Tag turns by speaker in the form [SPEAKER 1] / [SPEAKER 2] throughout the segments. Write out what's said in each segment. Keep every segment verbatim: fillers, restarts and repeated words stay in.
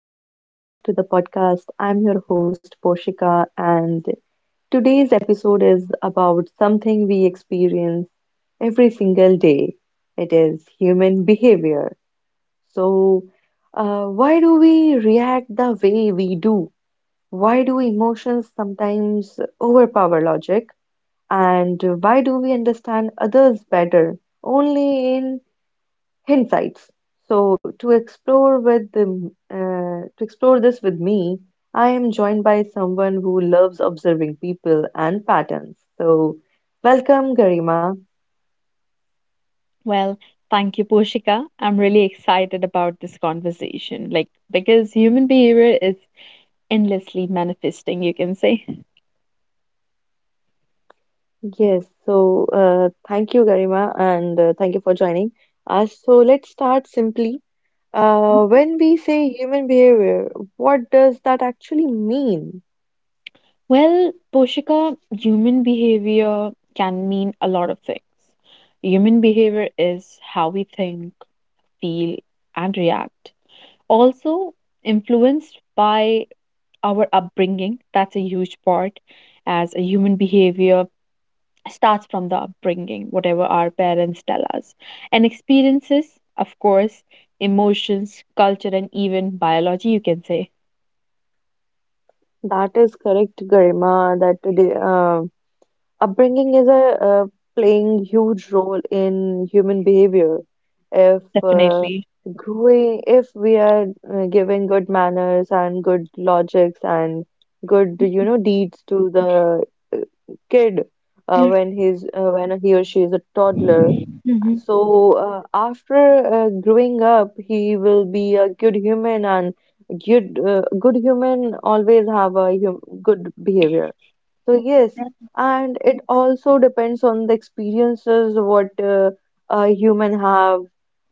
[SPEAKER 1] and welcome back to the podcast. I'm your host, Poshika, and today's episode is about something we experience every single day. It is human behavior. So, uh, why do we react the way we do? Why do emotions sometimes overpower logic? And why do we understand others better only in Insights. So to explore with the, uh, to explore this with me, I am joined by someone who loves observing people and patterns. So welcome, Garima.
[SPEAKER 2] Well, thank you, Poshika. I'm really excited about this conversation, like, because human behavior is endlessly manifesting, you can say.
[SPEAKER 1] Yes. So uh, thank you, Garima, and uh, thank you for joining us. So let's start simply. Uh,
[SPEAKER 2] Mhm.
[SPEAKER 1] when we say human behavior, what does that actually mean?
[SPEAKER 2] Well, Poshika, human behavior can mean a lot of things. Human behavior is how we think, feel, and react. Also, influenced by our upbringing, that's a huge part, as a human behavior starts from the upbringing, whatever our parents tell us. And experiences, of course, emotions, culture, and even biology, you can say.
[SPEAKER 1] That is correct, Garima. That uh, upbringing is a uh, playing huge role in human behavior. If uh,
[SPEAKER 2] Definitely.
[SPEAKER 1] growing, if we are uh, giving good manners and good logics and good, you know, deeds to the uh, kid uh,
[SPEAKER 2] Yeah.
[SPEAKER 1] when he's uh, when he or she is a toddler.
[SPEAKER 2] Hmm.
[SPEAKER 1] So uh, after uh, growing up, he will be a good human, and good uh, good human always have a hum good behavior. So yes, and it also depends on the experiences what uh, a human have,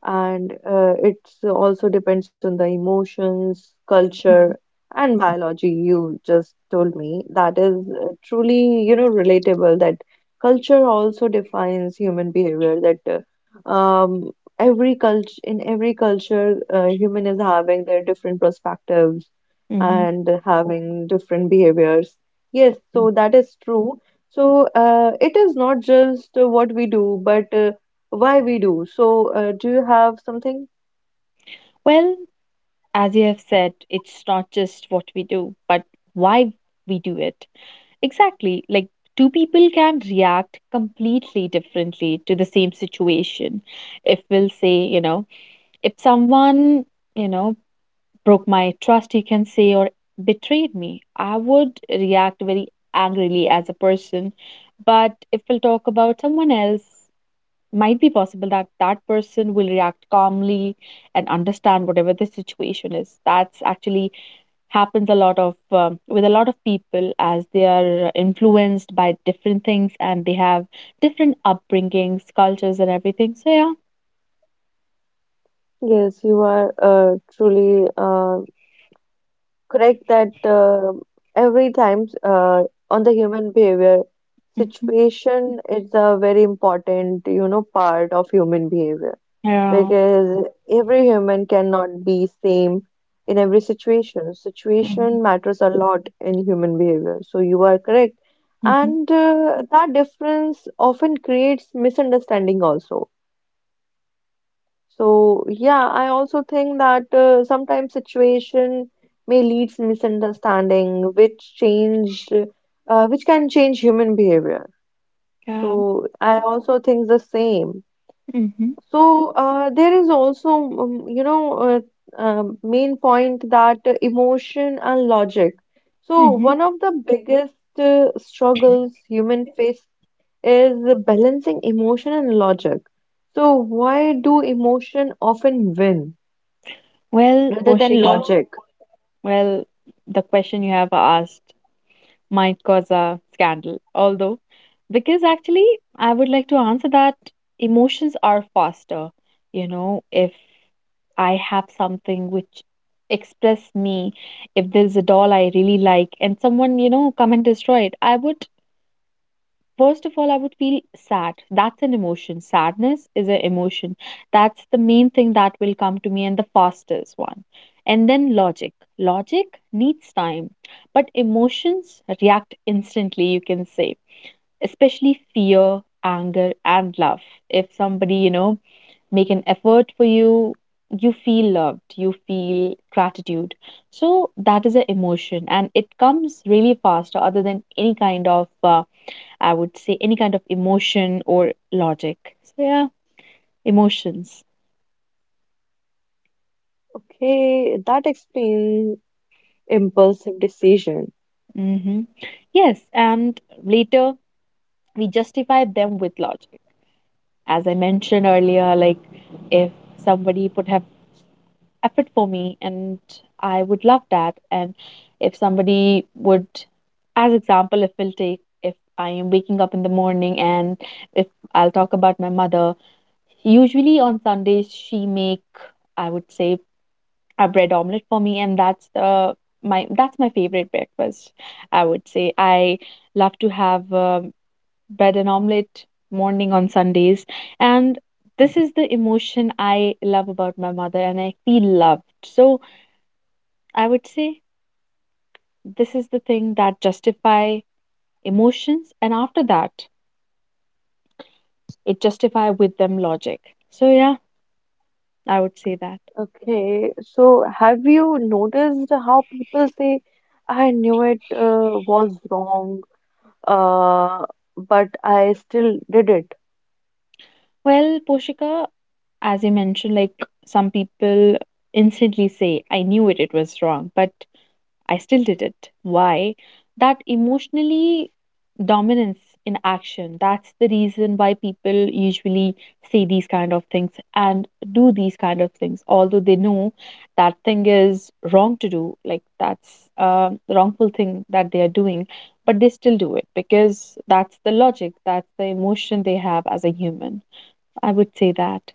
[SPEAKER 1] and uh, it also depends on the emotions, culture, and biology. You just told me that is uh, truly, you know, relatable that culture also defines human behavior. That uh, um, every culture in Every culture, uh, human is having their different perspectives
[SPEAKER 2] Hmm.
[SPEAKER 1] and having different behaviors. Yes, so that is true. So uh, it is not just uh, what we do, but uh, why we do. So uh, do you have something?
[SPEAKER 2] Well, as you have said, it's not just what we do, but why we do it. Exactly. Like, two people can react completely differently to the same situation. If we'll say, you know, if someone, you know, broke my trust, you can say, or betrayed me, I would react very angrily as a person. But if we'll talk about someone else, might be possible that that person will react calmly and understand whatever the situation is. That's actually happens a lot of um, with a lot of people as they are influenced by different things and they have different upbringings, cultures, and everything. So yeah.
[SPEAKER 1] Yes, you are uh, truly uh, correct that uh, every time uh, on the human behavior,
[SPEAKER 2] Hmm.
[SPEAKER 1] situation is a very important, you know, part of human behavior.
[SPEAKER 2] Yeah.
[SPEAKER 1] because every human cannot be same in every situation. Situation matters a lot in human behavior. So you are correct.
[SPEAKER 2] Hmm.
[SPEAKER 1] And uh, that difference often creates misunderstanding also. So yeah, I also think that uh, sometimes situation may lead to misunderstanding, which change, uh, which can change human behavior.
[SPEAKER 2] Yeah.
[SPEAKER 1] So I also think the same. So uh, there is also, um, you know, uh, um main point that emotion and logic. So
[SPEAKER 2] Hmm.
[SPEAKER 1] one of the biggest uh, struggles human face is balancing emotion and logic. So why do emotion often win
[SPEAKER 2] Well,
[SPEAKER 1] rather than
[SPEAKER 2] Poshika,
[SPEAKER 1] logic?
[SPEAKER 2] well, the question you have asked might cause a scandal, although, because actually, I would like to answer that emotions are faster. You know, if I have something which express me, if there's a doll I really like and someone, you know, come and destroy it, I would First of all, I would feel sad. That's an emotion. Sadness is an emotion. That's the main thing that will come to me and the fastest one. And then logic. Logic needs time, but emotions react instantly, you can say, especially fear, anger, and love. If somebody, you know, make an effort for you, you feel loved, you feel gratitude. So that is an emotion and it comes really fast other than any kind of uh, I would say any kind of emotion or logic. So yeah, emotions.
[SPEAKER 1] Okay, that explains impulsive decision.
[SPEAKER 2] Hmm. Yes, and later we justify them with logic. As I mentioned earlier, like if somebody would have effort for me and I would love that. And if somebody would, as example, if we'll take, if I am waking up in the morning and if I'll talk about my mother, usually on Sundays she make, I would say, a bread omelet for me, and that's the my that's my favorite breakfast, I would say. I love to have uh, bread and omelet morning on Sundays, and this is the emotion I love about my mother, and I feel loved. So I would say this is the thing that justify emotions, and after that, it justify with them logic. So yeah, I would say that.
[SPEAKER 1] Okay, so have you noticed how people say, I knew it uh, was wrong? uh, but I still did it.
[SPEAKER 2] Well, Poshika, as you mentioned, like some people instantly say, I knew it, it was wrong, but I still did it. Why? That emotionally dominance in action. That's the reason why people usually say these kind of things and do these kind of things, although they know that thing is wrong to do, like that's a wrongful thing that they are doing, but they still do it because that's the logic, that's the emotion they have as a human. I would say that.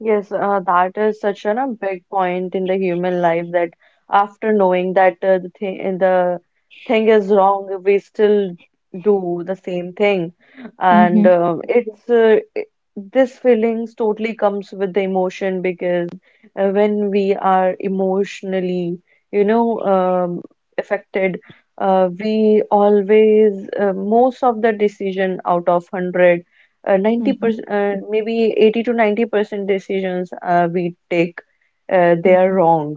[SPEAKER 1] Yes, uh, that is such an, a big point in the human life that after knowing that uh, the thing the thing is wrong, we still do the same thing, and uh, it's uh, it- this feelings totally comes with the emotion, because uh, when we are emotionally, you know, um, affected. Uh, we always uh, Most of the decision out of one hundred, uh,
[SPEAKER 2] Mhm.
[SPEAKER 1] ninety percent, uh, maybe eighty to ninety percent decisions uh, we take, uh, they are
[SPEAKER 2] Mhm.
[SPEAKER 1] wrong.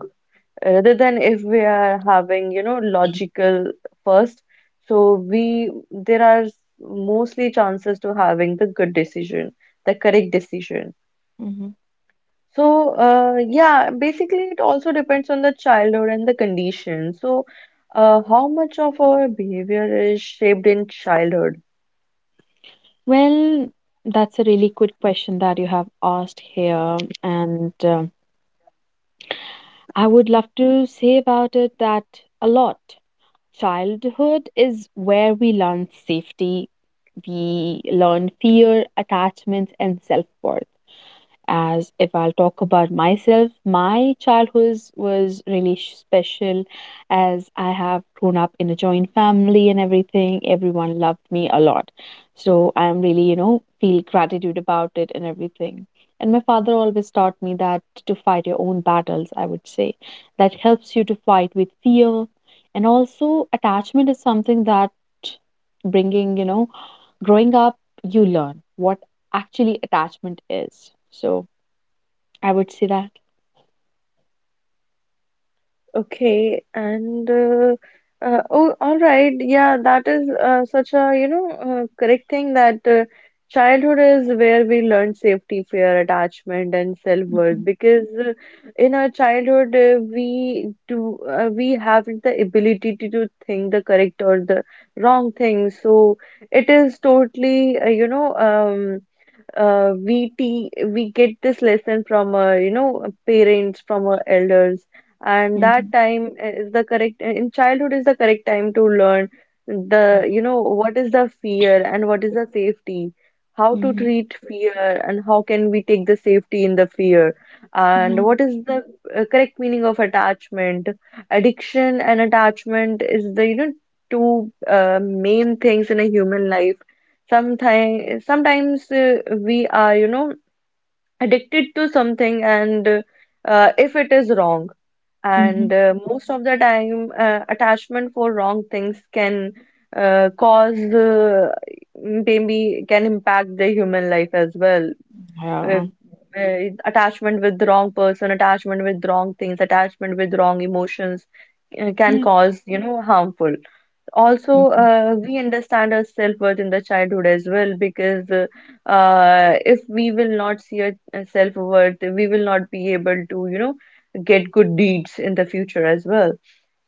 [SPEAKER 1] Rather than if we are having, you know, logical first, so we there are mostly chances to having the good decision, the correct decision.
[SPEAKER 2] Mhm.
[SPEAKER 1] So, uh, yeah, basically it also depends on the childhood and the condition. So, uh, how much of our behavior is shaped in childhood?
[SPEAKER 2] Well, that's a really good question that you have asked here, and uh, I would love to say about it that a lot. Childhood is where we learn safety, we learn fear, attachment, and self worth. As if I'll talk about myself, my childhood was really sh- special, as I have grown up in a joint family and everything. Everyone loved me a lot. So I'm really, you know, feel gratitude about it and everything. And my father always taught me that to fight your own battles, I would say. That helps you to fight with fear. And also, attachment is something that bringing, you know, growing up, you learn what actually attachment is. So, I would say that.
[SPEAKER 1] Okay, and uh, uh, oh, all right. Yeah, that is uh, such a you know uh, correct thing that uh, childhood is where we learn safety, fear, attachment, and self-worth. Because uh, in our childhood, uh, we do uh, we haven't the ability to, do think the correct or the wrong thing. So it is totally uh, you know um uh, we te we get this lesson from our you know parents, from our elders, and that
[SPEAKER 2] Mhm.
[SPEAKER 1] time uh, is the correct uh, in childhood is the correct time to learn the you know what is the fear and what is the safety, how to
[SPEAKER 2] Mhm.
[SPEAKER 1] treat fear and how can we take the safety in the fear, and
[SPEAKER 2] Yeah.
[SPEAKER 1] what is the uh, correct meaning of attachment. Addiction and attachment is the you know two uh, main things in a human life. Sometimes, sometimes uh, we are, you know, addicted to something, and uh, uh, if it is wrong,
[SPEAKER 2] Mhm.
[SPEAKER 1] and uh, most of the time, uh, attachment for wrong things can uh, cause, uh, maybe can impact the human life as well. Uh,
[SPEAKER 2] Yeah.
[SPEAKER 1] uh, Attachment with the wrong person, attachment with wrong things, attachment with wrong emotions uh, can
[SPEAKER 2] Yeah.
[SPEAKER 1] cause, you know, harmful. Also,
[SPEAKER 2] Mhm.
[SPEAKER 1] uh, we understand our self-worth in the childhood as well, because uh, uh, if we will not see our uh, self-worth, we will not be able to you know get good deeds in the future as well.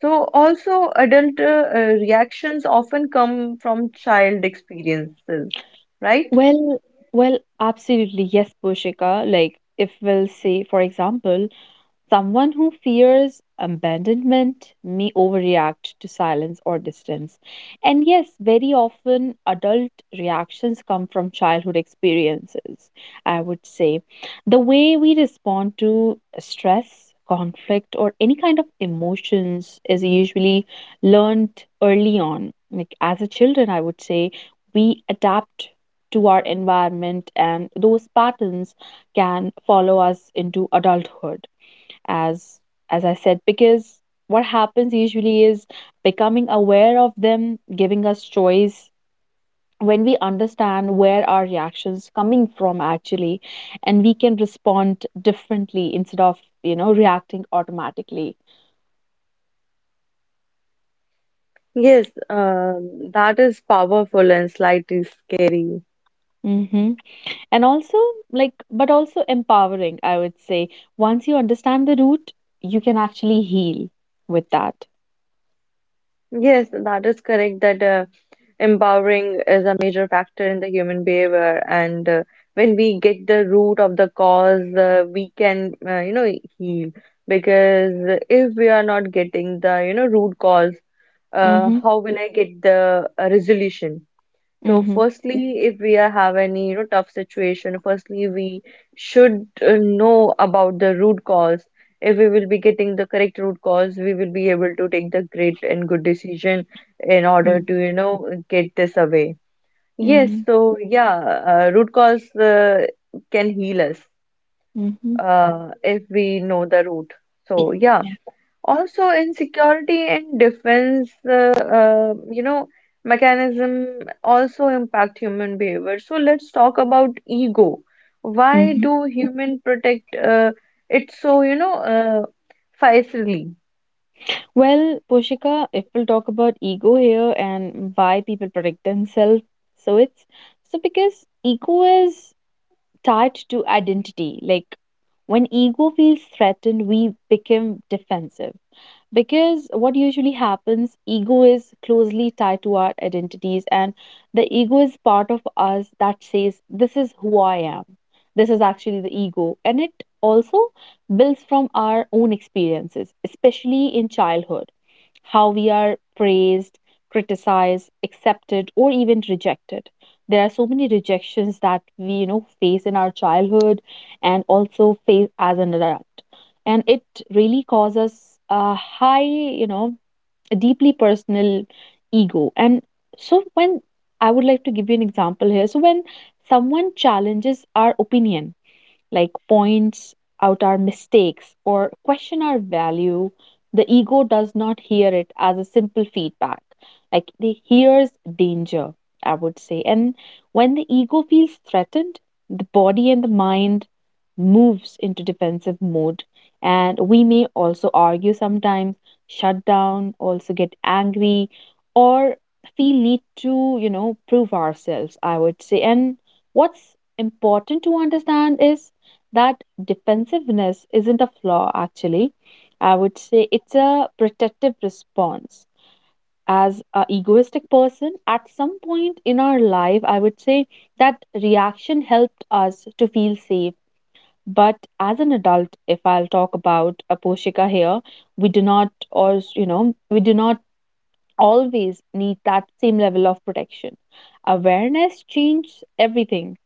[SPEAKER 1] So also adult uh, uh, reactions often come from child experiences, right?
[SPEAKER 2] Well, well, absolutely. Yes, Poshika. Like, if we'll say, for example, someone who fears abandonment may overreact to silence or distance. And yes, very often adult reactions come from childhood experiences, I would say. The way we respond to stress, conflict, or any kind of emotions is usually learned early on. Like as a children, I would say we adapt to our environment, and those patterns can follow us into adulthood, as as I said. Because what happens usually is becoming aware of them giving us choice. When we understand where our reactions coming from actually, and we can respond differently instead of you know reacting automatically.
[SPEAKER 1] Yes, uh, that is powerful and slightly scary.
[SPEAKER 2] Hmm. And also, like, but also empowering, I would say. Once you understand the root, you can actually heal with that.
[SPEAKER 1] Yes, that is correct that uh, empowering is a major factor in the human behavior, and uh, when we get the root of the cause, uh, we can uh, you know heal, because if we are not getting the you know root cause, uh,
[SPEAKER 2] Mm-hmm.
[SPEAKER 1] how will I get the uh, resolution? So
[SPEAKER 2] Mm-hmm.
[SPEAKER 1] firstly, if we are have any, you know, tough situation, firstly we should uh, know about the root cause. If we will be getting the correct root cause, we will be able to take the great and good decision in order to, you know, get this away. Yes,
[SPEAKER 2] Mm-hmm.
[SPEAKER 1] so yeah, uh, root cause uh, can heal us
[SPEAKER 2] Mm-hmm.
[SPEAKER 1] uh, if we know the root. So yeah.
[SPEAKER 2] Yeah.
[SPEAKER 1] Also, in security and defense, uh, uh, you know, mechanism also impact human behavior. So let's talk about ego. Why
[SPEAKER 2] Mm-hmm.
[SPEAKER 1] do human protect uh, it so, you know, uh, facilely?
[SPEAKER 2] Well, Poshika, if we'll talk about ego here and why people protect themselves, so it's so because ego is tied to identity. Like when ego feels threatened, we become defensive. Because what usually happens, ego is closely tied to our identities, and the ego is part of us that says, "This is who I am." This is actually the ego. And it also builds from our own experiences, especially in childhood, how we are praised, criticized, accepted, or even rejected. There are so many rejections that we, you know, face in our childhood and also face as an adult. And it really causes a high, you know, a deeply personal ego. And so when I would like to give you an example here. So when someone challenges our opinion, like points out our mistakes or question our value, the ego does not hear it as a simple feedback. Like it hears danger, I would say. And when the ego feels threatened, the body and the mind moves into defensive mode. And we may also argue sometimes, shut down, also get angry, or feel need to, you know, prove ourselves, I would say. And what's important to understand is that defensiveness isn't a flaw, actually, I would say. It's a protective response. As a egoistic person, at some point in our life, I would say that reaction helped us to feel safe. But as an adult, if I'll talk about a Poshika here, we do not, or, you know we do not always need that same level of protection. Awareness changes everything.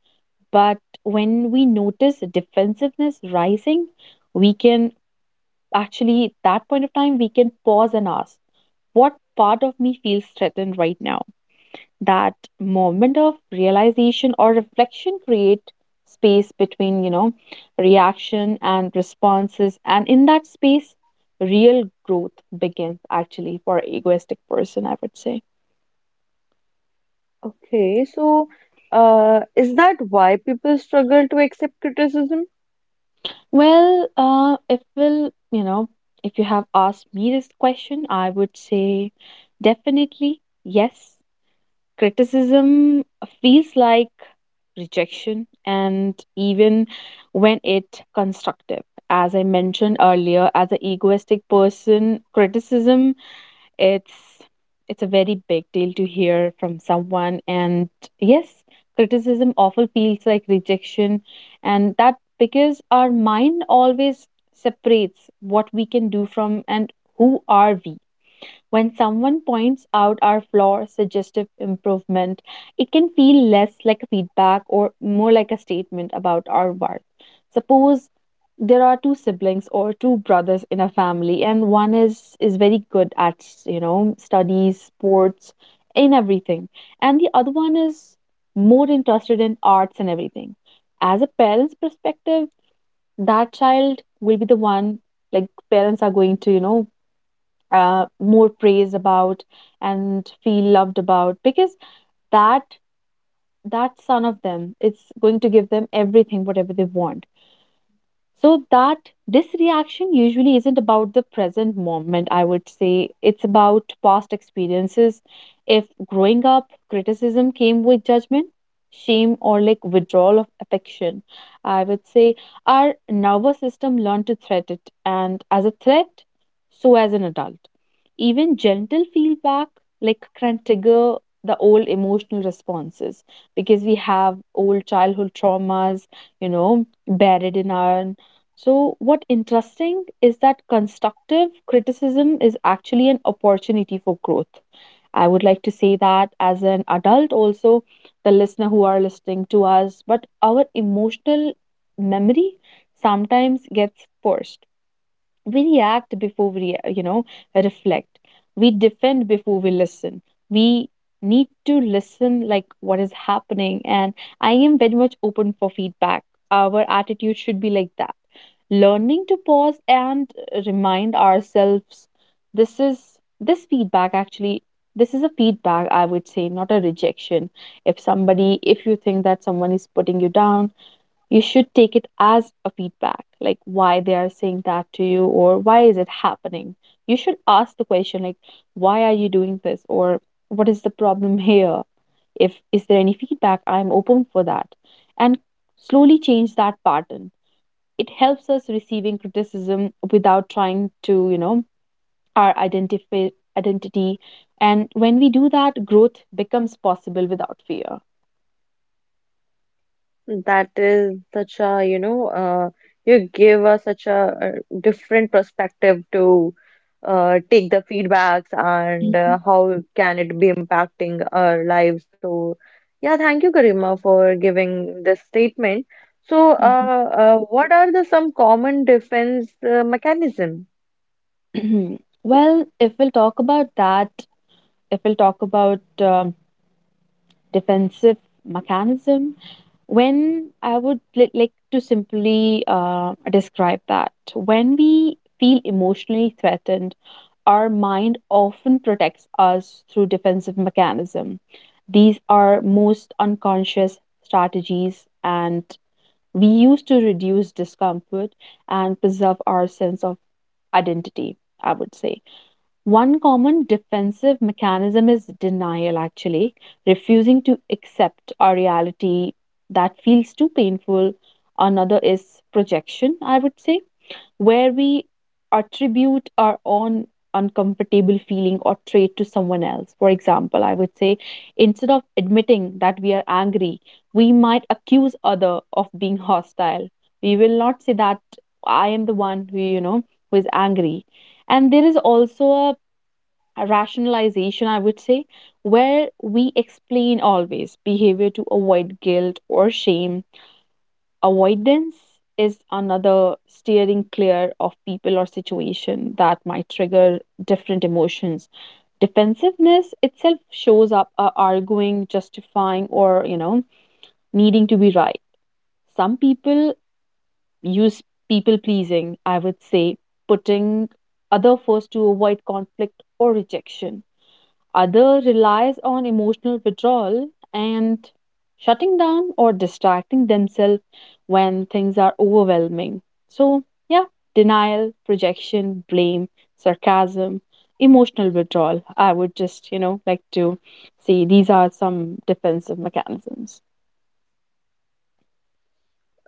[SPEAKER 2] But when we notice defensiveness rising, we can, actually, at that point of time, we can pause and ask, what part of me feels threatened right now? That moment of realization or reflection create space between, you know, reaction and responses. And in that space, real growth begins actually for egoistic person, I would say.
[SPEAKER 1] Okay, so uh, is that why people struggle to accept criticism?
[SPEAKER 2] Well, uh, if will you know, if you have asked me this question, I would say definitely yes. Criticism feels like rejection, and even when it constructive. As I mentioned earlier, as an egoistic person, criticism it's it's a very big deal to hear from someone. And yes, criticism often feels like rejection, and that because our mind always separates what we can do from and who are we. When someone points out our flaw, suggestive improvement, it can feel less like a feedback or more like a statement about our worth. Suppose there are two siblings or two brothers in a family, and one is is very good at you know studies, sports, in everything, and the other one is more interested in arts and everything. As a parent's perspective, that child will be the one, like, parents are going to, you know uh, more praise about and feel loved about. Because that that son of them it's going to give them everything whatever they want. So that this reaction usually isn't about the present moment, I would say. It's about past experiences. If growing up, criticism came with judgment, shame, or like withdrawal of affection, I would say our nervous system learned to threat it, and as a threat, so as an adult. Even gentle feedback, like can trigger the old emotional responses because we have old childhood traumas, you know, buried in our. So, what interesting is that constructive criticism is actually an opportunity for growth. I would like to say that as an adult, also the listener who are listening to us, but our emotional memory sometimes gets forced. We react before we rea- you know reflect. We defend before we listen. We need to listen like what is happening, and I am very much open for feedback. Our attitude should be like that, learning to pause and uh, remind ourselves, this is this feedback actually, this is a feedback I would say, not a rejection. If somebody, if you think that someone is putting you down, you should take it as a feedback, like why they are saying that to you or why is it happening. You should ask the question, like why are you doing this, or what is the problem here? If is there any feedback, I am open for that, and slowly change that pattern. It helps us receiving criticism without trying to you know our identify identity, and when we do that, growth becomes possible without fear.
[SPEAKER 1] That is such a, you know, uh, you give us such a, uh different perspective to uh, take the feedbacks, and uh,
[SPEAKER 2] Mhm,
[SPEAKER 1] how can it be impacting our lives. So, yeah, thank you, Karima, for giving this statement. So, uh, uh, what are the some common defense uh, mechanism?
[SPEAKER 2] mhm. Well, if we'll talk about that, if we'll talk about um, defensive mechanism, when I would li- like to simply uh, describe that when we feel emotionally threatened, our mind often protects us through defensive mechanism. These are most unconscious strategies, and we use to reduce discomfort and preserve our sense of identity. I would say one common defensive mechanism is denial, actually, refusing to accept a reality that feels too painful. Another is projection, I would say, where we attribute our own uncomfortable feeling or trait to someone else. For example, I would say instead of admitting that we are angry, we might accuse other of being hostile. We will not say that I am the one who, you know, who is angry. And there is also a a rationalization, I would say, where we explain always behavior to avoid guilt or shame. Avoidance is another, steering clear of people or situation that might trigger different emotions. Defensiveness itself shows up uh, arguing, justifying, or you know, needing to be right. Some people use people pleasing, I would say, putting other first to avoid conflict or rejection. Other relies on emotional withdrawal and shutting down or distracting themselves when things are overwhelming. So, yeah, denial, projection, blame, sarcasm, emotional withdrawal. I would just, you know, like to see these are some defensive mechanisms.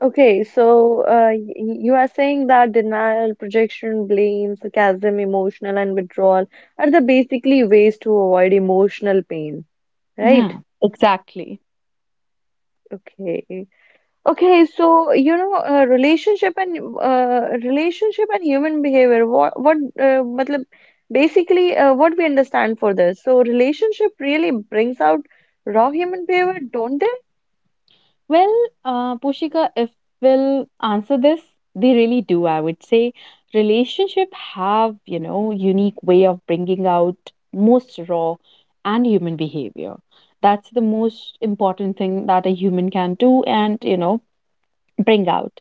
[SPEAKER 1] Okay, so uh, y- you are saying that denial, projection, blame, sarcasm, emotional, and withdrawal are the basically ways to avoid emotional pain,
[SPEAKER 2] Yeah.
[SPEAKER 1] right?
[SPEAKER 2] Exactly.
[SPEAKER 1] Okay. Okay, so you know, uh, relationship and uh, relationship and human behavior. What what uh, matlab, basically uh, what we understand for this. So relationship really brings out raw human behavior, don't they?
[SPEAKER 2] Well, uh, Pushika, if we'll answer this, they really do. I would say relationship have, you know, unique way of bringing out most raw and human behavior. That's the most important thing that a human can do, and you know, bring out.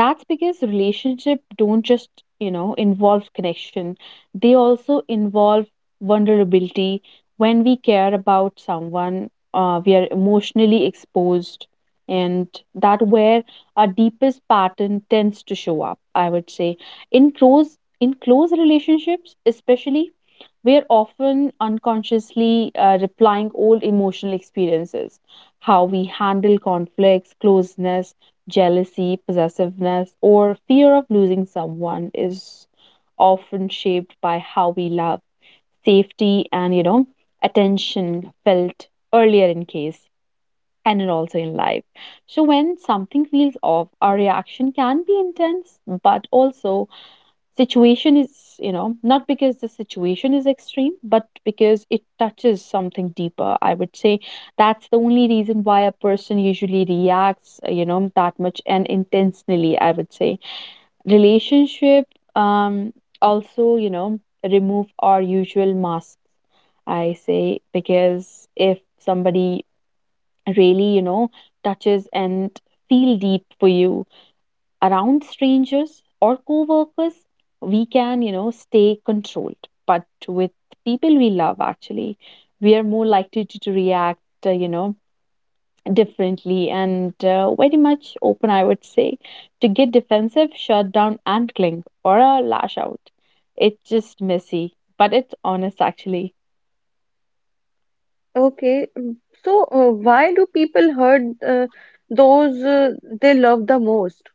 [SPEAKER 2] That's because relationship don't just, you know, involve connection, they also involve vulnerability. When we care about someone, uh, we are emotionally exposed, and that where our deepest pattern tends to show up, I would say. In close, in close relationships especially, we are often unconsciously uh, replying old emotional experiences. How we handle conflicts, closeness, jealousy, possessiveness, or fear of losing someone is often shaped by how we love, safety, and, you know, attention felt earlier in case and then also in life. So when something feels off, our reaction can be intense, but also situation is, you know, not because the situation is extreme, but because it touches something deeper. I would say that's the only reason why a person usually reacts, uh, you know, that much and intentionally, I would say. Relationship um also, you know, remove our usual masks. I say because if somebody really, you know, touches and feel deep for you. Around strangers or co-workers, we can, you know, stay controlled, but with people we love, actually, we are more likely to, to react uh, you know differently, and uh, very much open, I would say, to get defensive, shut down, and cling or a lash out. It's just messy, but it's honest, actually.
[SPEAKER 1] Okay, mm, so uh, why do people hurt uh, those uh, they love the most?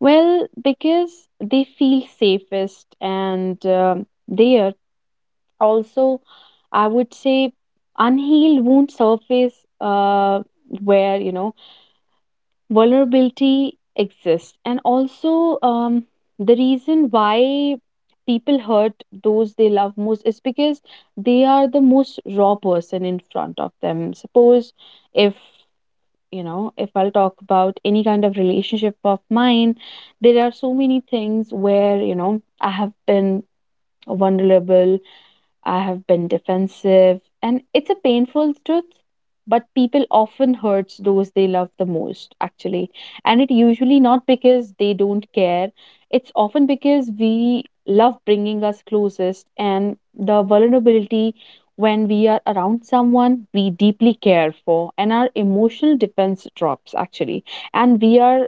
[SPEAKER 2] Well, because they feel safest, and um they are also, I would say, unhealed wound surface, uh, where, you know, vulnerability exists. And also, um, the reason why people hurt those they love most is because they are the most raw person in front of them. Suppose if, you know, if I'll talk about any kind of relationship of mine, there are so many things where, you know, I have been vulnerable, I have been defensive, and it's a painful truth. But people often hurts those they love the most, actually. And it usually not because they don't care. It's often because we love bringing us closest and the vulnerability. When we are around someone we deeply care for and our emotional defense drops, actually, and we are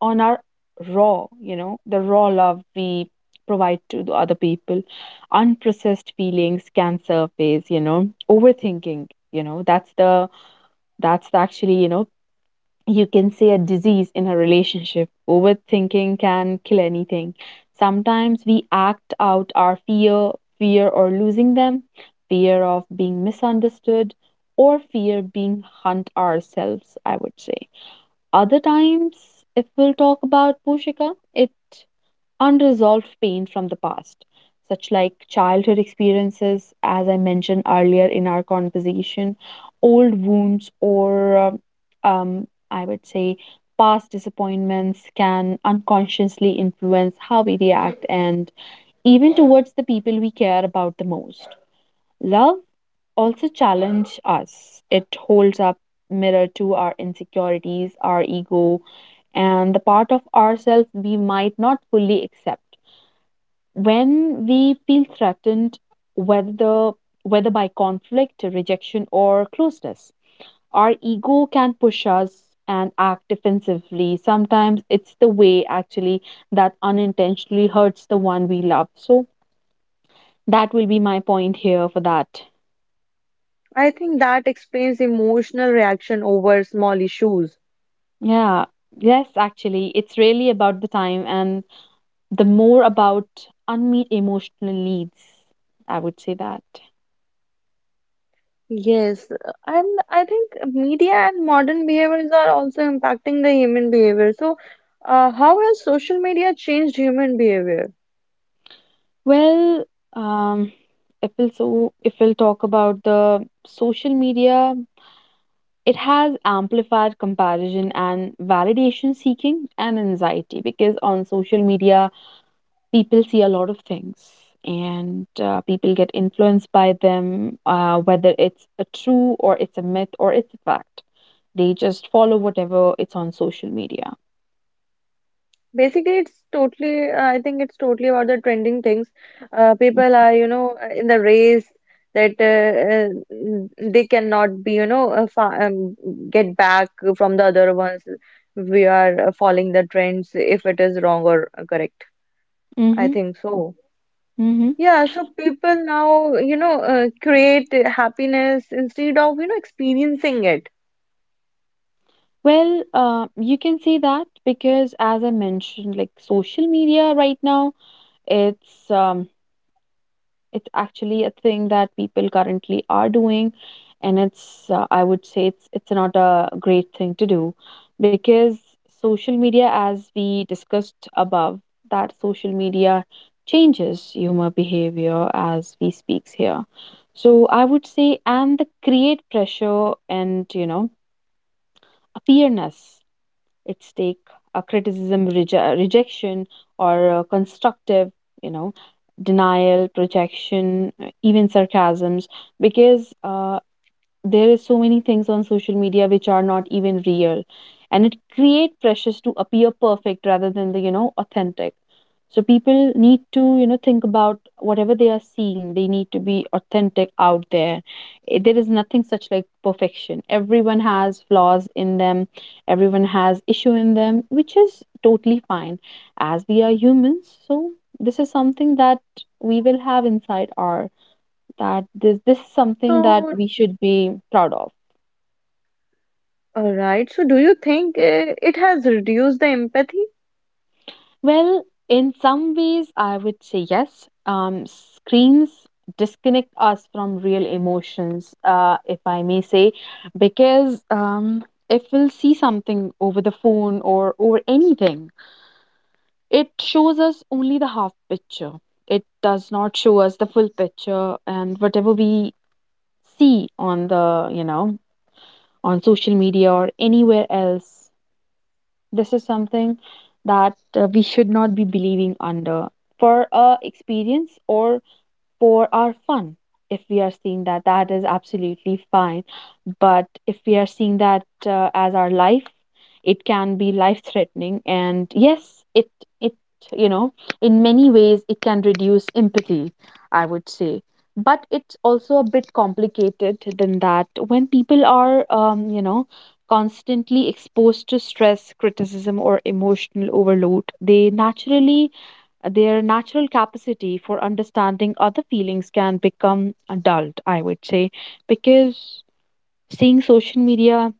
[SPEAKER 2] on our raw, you know, the raw love we provide to the other people. Unprocessed feelings can surface, you know, overthinking, you know, that's the, that's the actually, you know, you can say a disease in a relationship. Overthinking can kill anything. Sometimes we act out our fear, fear or losing them, fear of being misunderstood, or fear being hunt ourselves, I would say. Other times, if we'll talk about Pushika, it unresolved pain from the past, such like childhood experiences, as I mentioned earlier in our conversation, old wounds, or um, um, I would say past disappointments can unconsciously influence how we react and even towards the people we care about the most. Love also challenge us. It holds up mirror to our insecurities, our ego, and the part of ourselves we might not fully accept. When we feel threatened, whether whether by conflict, rejection, or closeness, our ego can push us and act defensively. Sometimes it's the way, actually, that unintentionally hurts the one we love. So that will be my point here for that.
[SPEAKER 1] I think that explains emotional reaction over small issues.
[SPEAKER 2] Yeah. Yes, actually, it's really about the time and the more about unmet emotional needs. I would say that.
[SPEAKER 1] Yes, uh, and I think media and modern behaviors are also impacting the human behavior. So, uh, how has social media changed human behavior?
[SPEAKER 2] Well, um, if we'll so if we'll talk about the social media, it has amplified comparison and validation seeking and anxiety, because on social media people see a lot of things, and uh, people get influenced by them, uh, whether it's a true or it's a myth or it's a fact. They just follow whatever it's on social media.
[SPEAKER 1] Basically, it's totally, uh, I think it's totally about the trending things. Uh, people are, you know, uh, in the race that uh, uh, they cannot be, you know, uh, fa um, get back from the other ones. We are uh, following the trends if it is wrong or uh, correct. I
[SPEAKER 2] Mm-hmm.
[SPEAKER 1] think so.
[SPEAKER 2] Mm-hmm.
[SPEAKER 1] Yeah, so people now, you know, uh, create happiness instead of, you know, experiencing it.
[SPEAKER 2] Well, uh, you can say that, because as I mentioned, like social media right now, it's um, it's actually a thing that people currently are doing, and it's uh, I would say it's it's not a great thing to do because social media, as we discussed above, that social media changes humor behavior as we speaks here. So I would say, and the create pressure and, you know, appearance at stake, a criticism, reje- rejection, or uh, constructive, you know, denial, projection, uh, even sarcasms, because, uh, there is so many things on social media which are not even real, and it create pressures to appear perfect rather than the, you know, authentic. So people need to, you know, think about whatever they are seeing, they need to be authentic out there. Eh, there is nothing such like perfection. Everyone has flaws in them, everyone has issue in them, which is totally fine, as we are humans. So this is something that we will have inside our, that this this is something that
[SPEAKER 1] So,
[SPEAKER 2] we should be proud of.
[SPEAKER 1] all right. So, do you think uh, it has reduced the empathy?
[SPEAKER 2] Well, in some ways, I would say yes. Um, screens disconnect us from real emotions, uh, if I may say, because, um, if we'll see something over the phone or over anything, it shows us only the half picture. It does not show us the full picture, and whatever we see on the, you know, on social media or anywhere else, this is something that, uh, we should not be believing under, for a experience or for our fun. If we are seeing that, that is absolutely fine. But if we are seeing that uh, as our life, it can be life threatening. And yes, it, it, you know, in many ways, it can reduce empathy, I would say. But it's also a bit complicated than that. When people are, um, you know, constantly exposed to stress, criticism, or emotional overload, they naturally, their natural capacity for understanding other feelings can become dulled, I would say, because seeing social media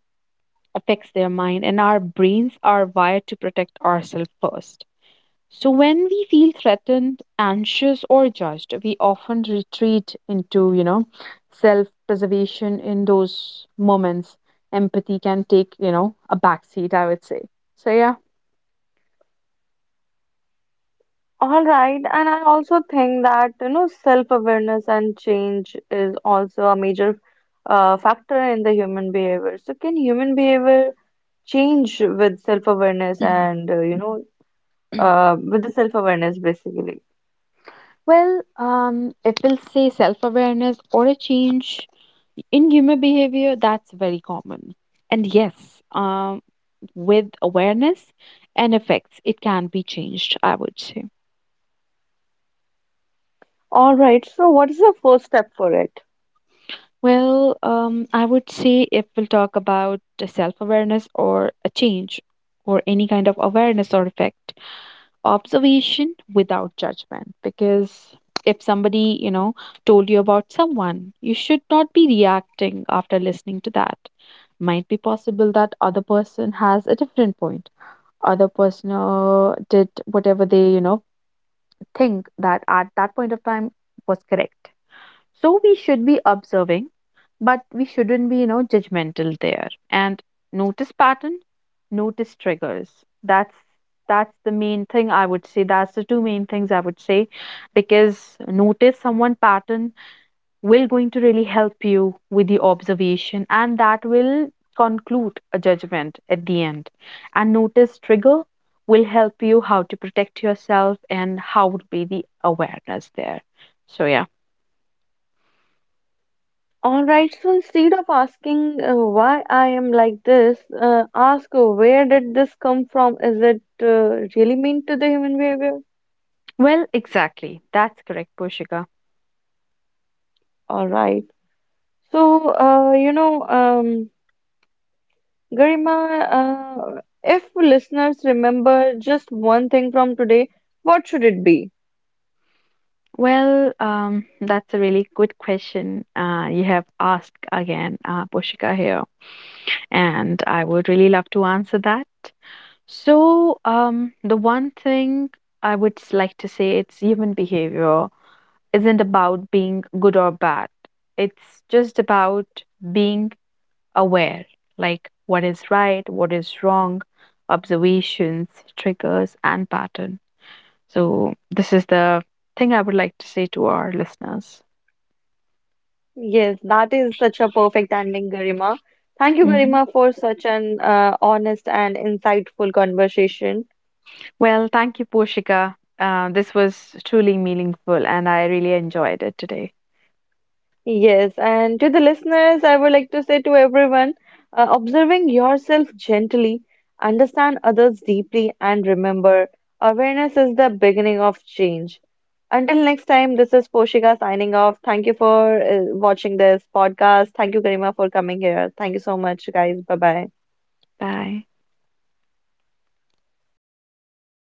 [SPEAKER 2] affects their mind, and our brains are wired to protect ourselves first. So when we feel threatened, anxious, or judged, we often retreat into, you know, self preservation. In those moments, empathy can take, you know, a backseat, I would say. So, yeah.
[SPEAKER 1] All right, and I also think that you know self-awareness and change is also a major uh, factor in the human behavior. So can human behavior change with self-awareness and uh, you know uh, with the self-awareness basically?
[SPEAKER 2] Well, um, it will say self awareness or a change in human behavior. That's very common. And yes, um, with awareness and effects, it can be changed, I would say.
[SPEAKER 1] All right, so what is the first step for it?
[SPEAKER 2] Well, um, I would say if we'll talk about self awareness or a change or any kind of awareness or effect, observation without judgment, because if somebody, you know, told you about someone, you should not be reacting after listening to that. Might be possible that other person has a different point, other person uh, did whatever they, you know, think that at that point of time was correct. So we should be observing, but we shouldn't be, you know, judgmental there, and notice pattern, notice triggers. That's that's the main thing I would say, that's the two main things I would say, because notice someone pattern will going to really help you with the observation, and that will conclude a judgment at the end. And notice trigger will help you how to protect yourself and how would be the awareness there. So yeah.
[SPEAKER 1] All right, so instead of asking uh, why I am like this, uh, ask uh, where did this come from? Is it uh, really mean to the human behavior?
[SPEAKER 2] Well, exactly, that's correct, Pushika.
[SPEAKER 1] All right. So, uh, you know, um, Garima, uh, if listeners remember just one thing from today, what should it be?
[SPEAKER 2] Well, um, that's a really good question uh, you have asked again, uh, Pushika here, and I would really love to answer that. So, um, the one thing I would s- like to say, it's human behavior isn't about being good or bad. It's just about being aware, like what is right, what is wrong, observations, triggers, and pattern. So this is the thing I would like to say to our listeners.
[SPEAKER 1] Yes, that is such a perfect ending, Garima. Thank you,
[SPEAKER 2] Hmm.
[SPEAKER 1] Garima, for such an uh, honest and insightful conversation.
[SPEAKER 2] Well, thank you, Poshika. Uh, this was truly meaningful, and I really enjoyed it today.
[SPEAKER 1] Yes, and to the listeners, I would like to say to everyone, uh, observing yourself gently, understand others deeply, and remember, awareness is the beginning of change. Until next time, this is Poshika signing off. Thank you for uh, watching this podcast. Thank you, Karima, for coming here. Thank you so much, guys. Bye bye.
[SPEAKER 2] Bye.